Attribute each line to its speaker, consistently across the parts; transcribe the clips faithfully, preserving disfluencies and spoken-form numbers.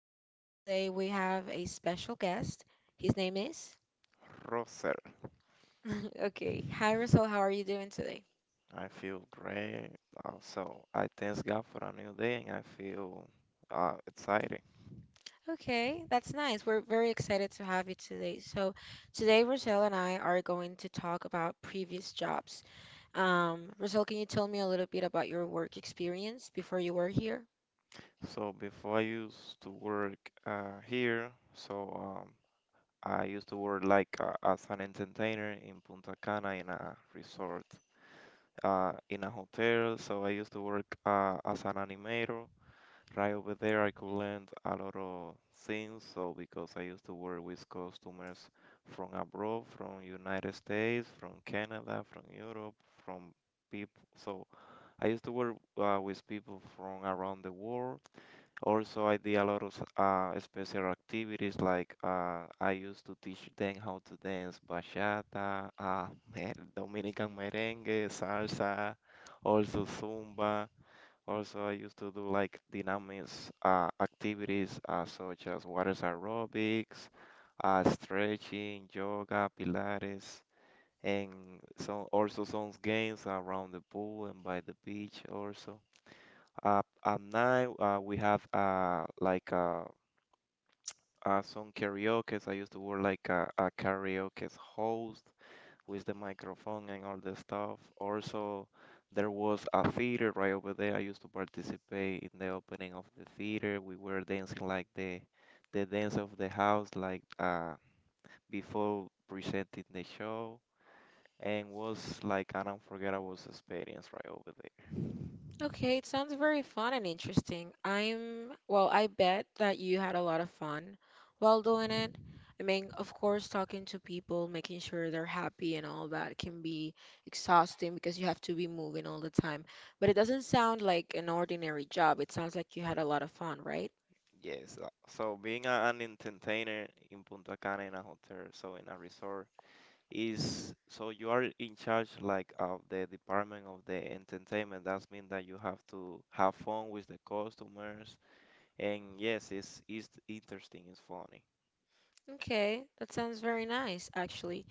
Speaker 1: podcast. Today we have a special guest. His name is.
Speaker 2: Roser.
Speaker 1: okay. Hi, Russell. How are you doing today?
Speaker 2: I feel great. Also, I thank God for a new day and I feel uh, excited.
Speaker 1: Okay, that's nice. We're very excited to have you today. So, today, Rochelle and I are going to talk about previous jobs. Um, Rochelle, can you tell me a little bit about your work experience before you were here?
Speaker 2: So before I used to work uh, here, so um, I used to work like uh, as an entertainer in Punta Cana in a resort, uh, in a hotel. So I used to work uh, as an animator. Right over there, I could learn a lot of things. So because I used to work with customers from abroad, from United States, from Canada, from Europe, from people. So I used to work uh, with people from around the world. Also, I did a lot of uh, special activities like uh, I used to teach them how to dance bachata, uh, mer- Dominican merengue, salsa, also zumba. Also, I used to do like dynamics uh, activities uh, such as water aerobics, uh, stretching, yoga, pilates, and some also some games around the pool and by the beach also. Uh, at night, uh, we have uh, like uh, uh, some karaoke. I used to work like a, a karaoke host with the microphone and all the stuff. Also, there was a theater right over there. I used to participate in the opening of the theater. We were dancing like the the dance of the house, like uh, before presenting the show, and was like an unforgettable experience right over there.
Speaker 1: Okay, it sounds very fun and interesting. I'm, well, I bet that you had a lot of fun while doing it. I mean, of course, talking to people, making sure they're happy and all that can be exhausting because you have to be moving all the time. But it doesn't sound like an ordinary job. It sounds like you had a lot of fun, right?
Speaker 2: Yes, uh, so being a, an entertainer in Punta Cana in a hotel, so in a resort, is so you are in charge like of the department of the entertainment. That means that you have to have fun with the customers. And yes, it's it's interesting, it's funny.
Speaker 1: Okay, that sounds very nice, actually.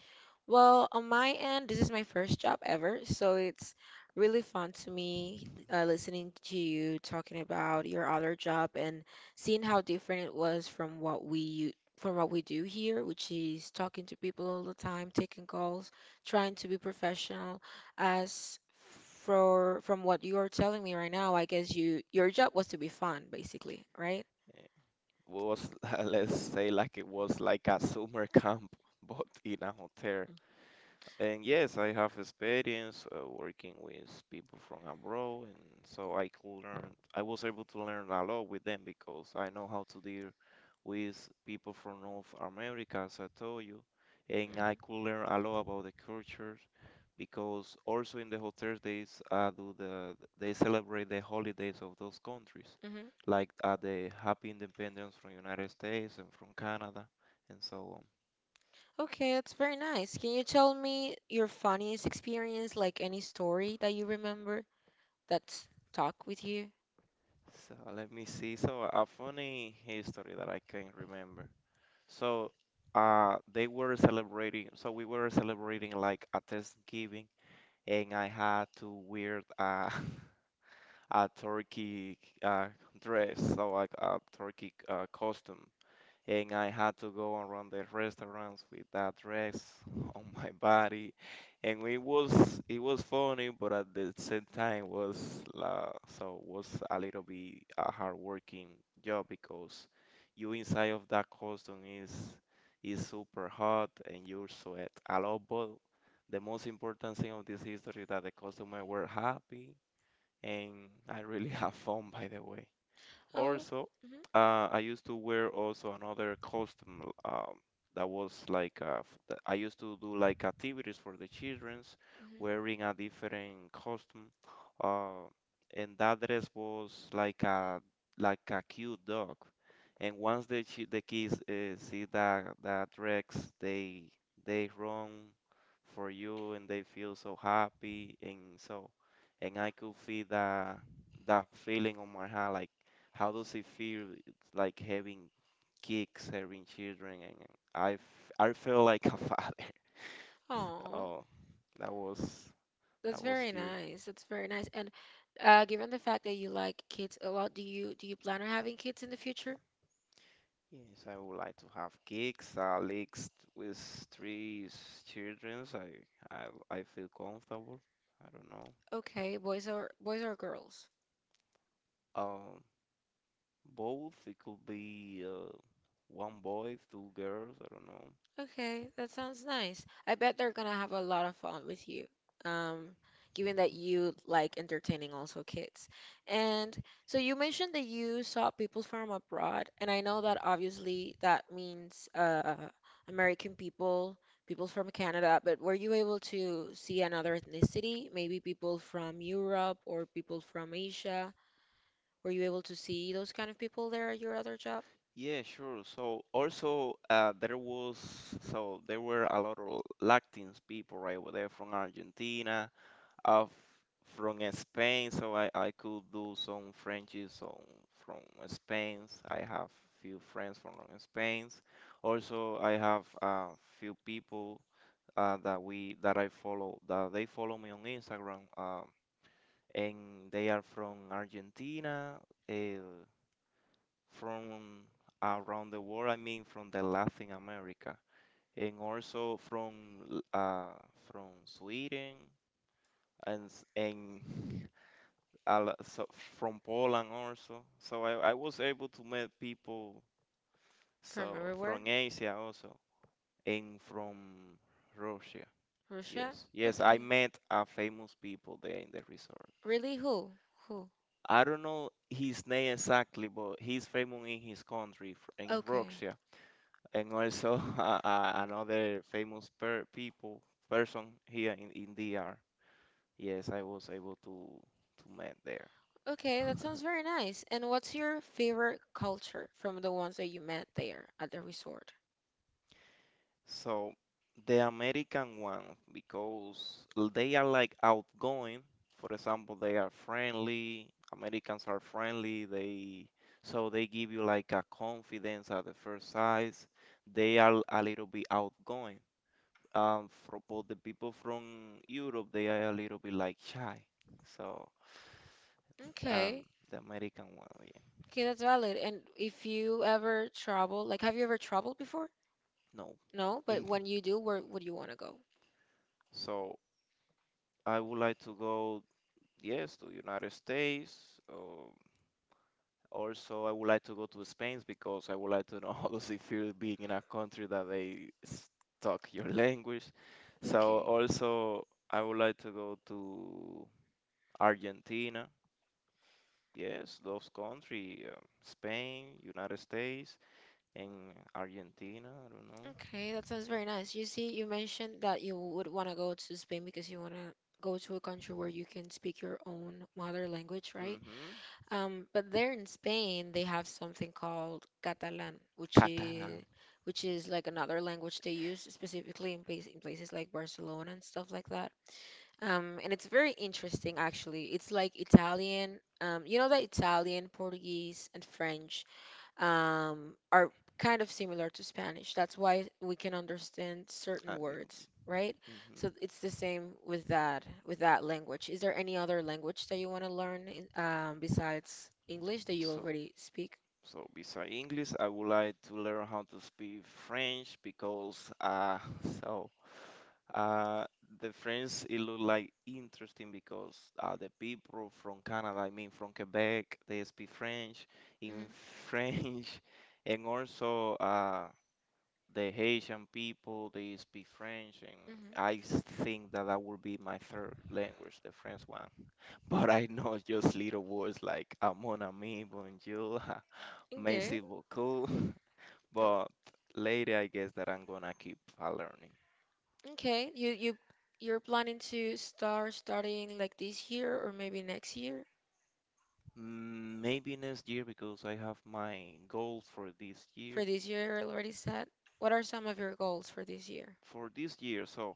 Speaker 1: Well, on my end, this is my first job ever, so it's really fun to me uh, listening to you talking about your other job and seeing how different it was from what we u- from what we do here, which is talking to people all the time, taking calls, trying to be professional. As for from what you're telling me right now, I guess you your job was to be fun, basically, right?
Speaker 2: Eh, was let's say like it was like a summer camp, but in a hotel. And yes, I have experience uh, working with people from abroad, and so I could learn. I was able to learn a lot with them because I know how to deal with people from North America, as I told you, and I could learn a lot about the culture because also in the hotels they s- uh, do the they celebrate the holidays of those countries,
Speaker 1: Mm-hmm.
Speaker 2: like uh, the Happy Independence from United States and from Canada, and so on.
Speaker 1: Okay, that's very nice. Can you tell me your funniest experience, like any story that you remember that's stuck with you?
Speaker 2: So let me see. So a funny history that I can remember. So uh they were celebrating so we were celebrating like a Thanksgiving and I had to wear uh a turkey uh dress, so like a turkey uh costume and I had to go and run the restaurants with that dress on my body, and it was it was funny, but at the same time was la so was a little bit a hard working job because you inside of that costume is is super hot and you sweat a lot, but the most important thing of this history is that the customer were happy and I really have fun by the way.
Speaker 1: Oh,
Speaker 2: Also,
Speaker 1: hmm.
Speaker 2: uh, I used to wear also another costume um, that was like uh, f- that I used to do like activities for the childrens,
Speaker 1: Hmm.
Speaker 2: wearing a different costume, uh, and that dress was like a like a cute dog. And once the chi- the kids uh, see that that dress, they they run for you and they feel so happy and so and I could feel that that feeling on my heart like. How does it feel? It's like having kids, having children, and and I, f- I feel like a father.
Speaker 1: Oh,
Speaker 2: Oh, that was
Speaker 1: that's
Speaker 2: that was
Speaker 1: very
Speaker 2: cute.
Speaker 1: nice. That's very nice. And uh, given the fact that you like kids a lot, do you do you plan on having kids in the future?
Speaker 2: Yes, I would like to have gigs, at least with three s- childrens. I, I, I feel comfortable. I don't know.
Speaker 1: Okay, boys or boys or girls?
Speaker 2: Um, Both. It could be uh, one boy, two girls. I don't know.
Speaker 1: Okay, that sounds nice. I bet they're gonna have a lot of fun with you, um, given that you like entertaining also kids. And so you mentioned that you saw people from abroad, and I know that obviously that means uh, American people, people from Canada, but were you able to see another ethnicity? Maybe people from Europe or people from Asia? Were you able to see those kind of people there at your other job
Speaker 2: Yeah, sure. So also uh, there was so there were a lot of Latins people, right? Were there from Argentina, uh, f- from uh, Spain. So I, I could do some Frenchies so from Spain. I have few friends from Spain. Also, I have a few people uh, that we that I follow that they follow me on Instagram, um, and they are from Argentina from around the world. I mean, from the Latin America and also from l- uh, from Sweden and s- and a lo- so from Poland also. So I, I was able to meet people
Speaker 1: from
Speaker 2: so
Speaker 1: everywhere?
Speaker 2: from Asia also and from Russia.
Speaker 1: Russia?
Speaker 2: Yes, yes,
Speaker 1: Okay.
Speaker 2: I met a famous people there in the resort.
Speaker 1: Really? Who? Who?
Speaker 2: I don't know his name exactly, but he's famous in his country, f- in
Speaker 1: Okay.
Speaker 2: Russia. And also uh, uh, another famous per people person here in, in D R. Yes, I was able to to meet there.
Speaker 1: Okay, that sounds very nice. And what's your favorite culture from the ones that you met there at the resort?
Speaker 2: So the American ones, because they are like outgoing. For example, they are friendly. Americans are friendly. They so they give you like a confidence at the first sight. They are a little bit outgoing. Um, for both the people from Europe, they are a little bit like shy. So um,
Speaker 1: Okay.
Speaker 2: the American one, yeah,
Speaker 1: Okay, that's valid. And if you ever travel, like, have you ever traveled before?
Speaker 2: no.
Speaker 1: No, but
Speaker 2: In-
Speaker 1: when you do, where would you want to go?
Speaker 2: So I would like to go, yes, to United States. Um, also, I would like to go to Spain because I would like to know how does it feel being in a country that they s- talk your language. So
Speaker 1: Okay.
Speaker 2: also, I would like to go to Argentina. Yes, those countries, Spain, United States. In Argentina, I don't
Speaker 1: Okay, that sounds very nice. You see, you mentioned that you would want to go to Spain because you want to go to a country where you can speak your own mother language,
Speaker 2: know.
Speaker 1: right?
Speaker 2: Hmm.
Speaker 1: Um, but there in Spain, they have something called Catalan, which
Speaker 2: Catalan,
Speaker 1: is which is like another language they use specifically in, place, in places like Barcelona and stuff like that. Um, and it's very interesting actually. It's like Italian. Um, you know that Italian, Portuguese, and French um, are kind of similar to Spanish. That's why we can understand
Speaker 2: a
Speaker 1: certain
Speaker 2: little bit.
Speaker 1: words, right?
Speaker 2: Hmm.
Speaker 1: So it's the same with that with that language. Is there any other language that you want to learn in, um, besides English that you
Speaker 2: So,
Speaker 1: already speak?
Speaker 2: so besides English, I would like to learn how to speak French because uh, so uh, the French it look like interesting because uh, the people from Canada, I mean from Quebec, they speak French in
Speaker 1: Hmm.
Speaker 2: French, and also uh, the Haitian people, they speak French, and
Speaker 1: Hmm.
Speaker 2: I s- think that that would be my third language, the French one. But I know just little words like ah, mon ami, bonjour,
Speaker 1: Okay.
Speaker 2: merci beaucoup.
Speaker 1: Mm.
Speaker 2: But later, I guess that I'm gonna keep uh, learning.
Speaker 1: Okay. You you you're planning to start studying like this year or maybe next year?
Speaker 2: Mm, Maybe next year because I have my goals for this year.
Speaker 1: For this year, already said. What are some of your goals for this year?
Speaker 2: For this year, so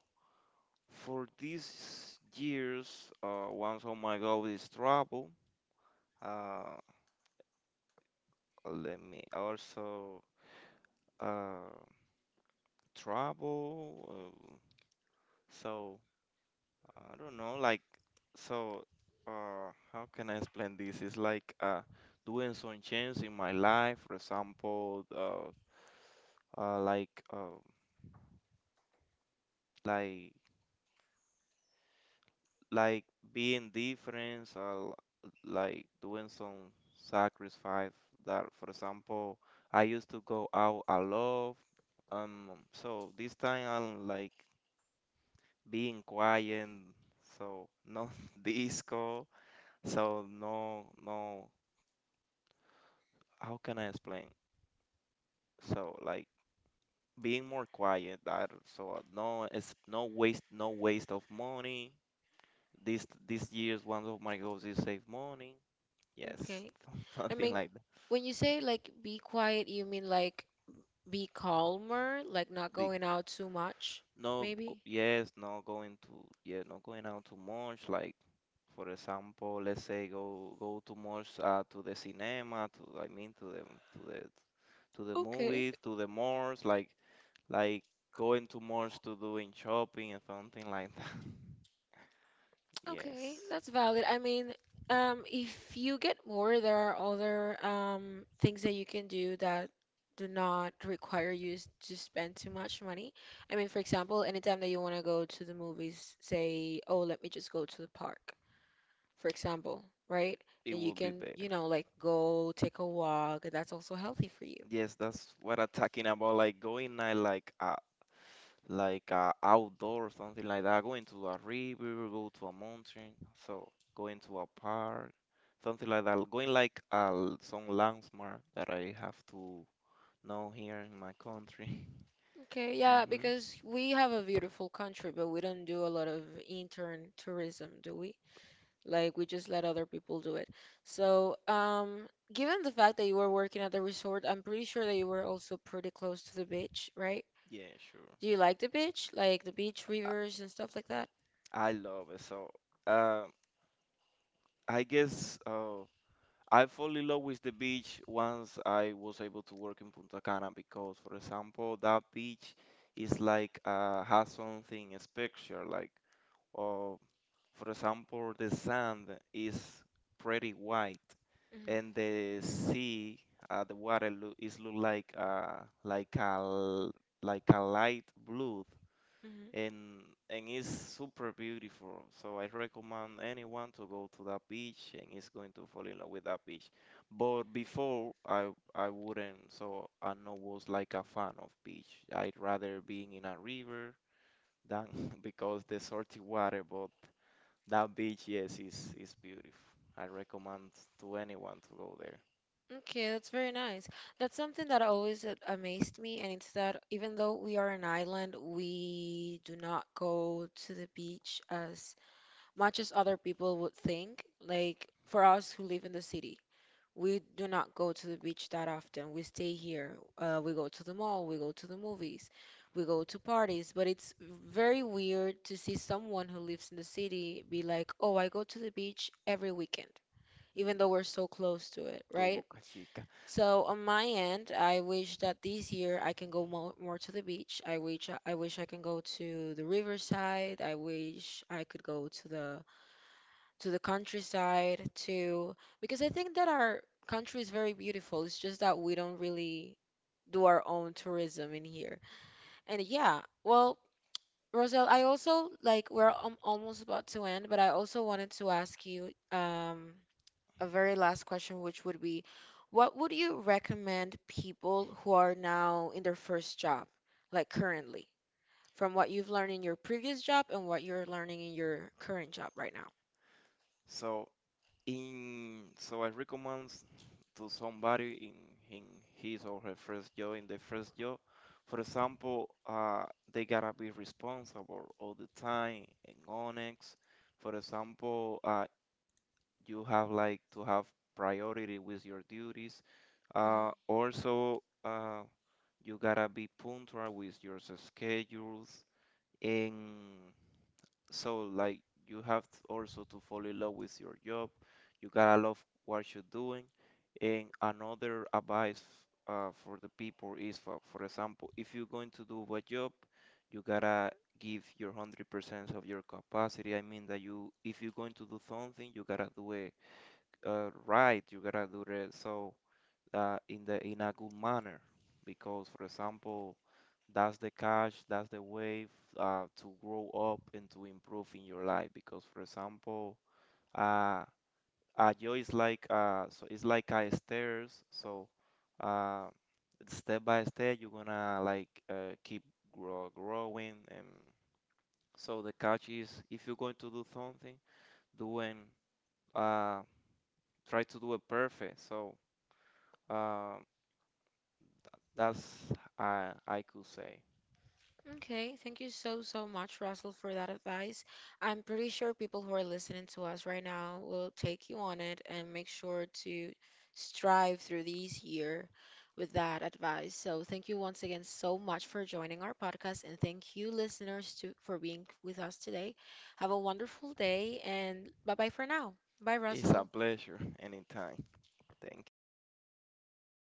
Speaker 2: for this year's, uh, one of my goals is travel. Uh, Let me also uh, travel. Uh, so I don't know, like so. Uh, how can I explain this? It's like uh, doing some change in my life. For example, uh, uh, like uh, like like being different. Uh, like doing some sacrifice. That, for example, I used to go out a lot. Um, so this time I'm like being quiet, so no disco, so no no how can I explain? So like being more quiet that so uh, no it's no waste no waste of money. This this year's one of my goals is save money. Yes,
Speaker 1: Okay. I
Speaker 2: something
Speaker 1: mean,
Speaker 2: like that.
Speaker 1: when you say like be quiet, you mean like be calmer, like not
Speaker 2: Big.
Speaker 1: going out too much,
Speaker 2: No, go-
Speaker 1: maybe?
Speaker 2: yes, not going to, yeah, not going out too much. Like, for example, let's say go go too much uh, to the cinema, to I mean to the to the to the
Speaker 1: Okay.
Speaker 2: movies, to the malls, like like going too much to doing shopping and something like that.
Speaker 1: Okay,
Speaker 2: Yes,
Speaker 1: that's valid. I mean, um, if you get more, there are other um, things that you can do that do not require you s- to spend too much money. I mean, for example, anytime that you want to go to the movies, say, oh, let me just go to the park, for example, right?
Speaker 2: it
Speaker 1: And you
Speaker 2: would be
Speaker 1: can,
Speaker 2: better.
Speaker 1: you know, like go take a walk. That's also healthy for you.
Speaker 2: Yes, that's what I'm talking about. Like going night, like like uh, outdoor something like that. Going to a river, go to a mountain, so going to a park, something like that. Going like uh, l- some landmark that I have to know here in my country.
Speaker 1: Okay, yeah,
Speaker 2: Hmm.
Speaker 1: because we have a beautiful country, but we don't do a lot of intern tourism, do we? Like we just let other people do it. So, um, given the fact that you were working at the resort, I'm pretty sure that you were also pretty close to the beach, right?
Speaker 2: Yeah, sure.
Speaker 1: Do you like the beach? Like the beach, rivers, and stuff like that?
Speaker 2: I love it. So, uh, I guess. Uh, I fall in love with the beach once I was able to work in Punta Cana because, for example, that beach is like uh, has something special. Like, uh, for example, the sand is pretty white,
Speaker 1: Mhm.
Speaker 2: and the sea, uh, the water loo- is look like uh, like a l- like a light blue
Speaker 1: Mhm.
Speaker 2: and and it's super beautiful. So I recommend anyone to go to that beach and is going to fall in love with that beach. But before I I wouldn't, so I know was like a fan of beach. I'd rather being in a river than because the salty water, but that beach, yes, is is beautiful. I recommend to anyone to go there.
Speaker 1: Okay, that's very nice. That's something that always a- amazed me, and it's that even though we are an island, we do not go to the beach as much as other people would think, like for us who live in the city. We do not go to the beach that often. We stay here. Uh, we go to the mall, we go to the movies, we go to parties, but it's very weird to see someone who lives in the city be like, "Oh, I go to the beach every weekend," even
Speaker 2: Mm,
Speaker 1: though we're so close to it,
Speaker 2: To
Speaker 1: right?
Speaker 2: Boca Chica.
Speaker 1: So on my end, I wish that this year I can go more, more to the beach. I wish I wish I can go to the riverside. I wish I could go to the to the countryside to because I think that our country is very beautiful. It's just that we don't really do our own tourism in here. And yeah, well, Roselle, I also like we're um, almost about to end, but I also wanted to ask you um a very last question, which would be, what would you recommend people who are now in their first job, like currently, from what you've learned in your previous job and what you're learning in your current job right now?
Speaker 2: So In so I recommend to somebody in, in his or her first job, in the first job, for example, uh, they gotta be responsible all the time and honest. For example, uh, you have like to have priority with your duties.
Speaker 1: Mhm.
Speaker 2: Uh, also, uh, you gotta be punctual with your schedules and so like you have t- also to fall in love with your job. You gotta love what you're doing. And another advice uh, for the people is, for, for example, if you're going to do a job, you gotta give your one hundred percent of your capacity. I mean that you, if you're going to do something, you gotta do it uh, right. You gotta do it so uh, in the in a good manner. Because, for example, that's the catch, that's the way uh, to grow up and to improve in your life. Because, for example, uh, a joy is like uh, so it's like a stairs. So uh, step by step, you're gonna like uh, keep grow, growing. And so the catch is, if you're going to do something, doing uh, try to do it perfect. So uh, that's uh, I could say.
Speaker 1: Okay, thank you so, so much, Russell, for that advice. I'm pretty sure people who are listening to us right now will take you on it and make sure to strive through these year with that advice. So thank you once again so much for joining our podcast and thank you listeners to for being with us today. Have a wonderful day and bye-bye for now. Bye,
Speaker 2: It's a
Speaker 1: Russell.
Speaker 2: pleasure anytime. Thank you.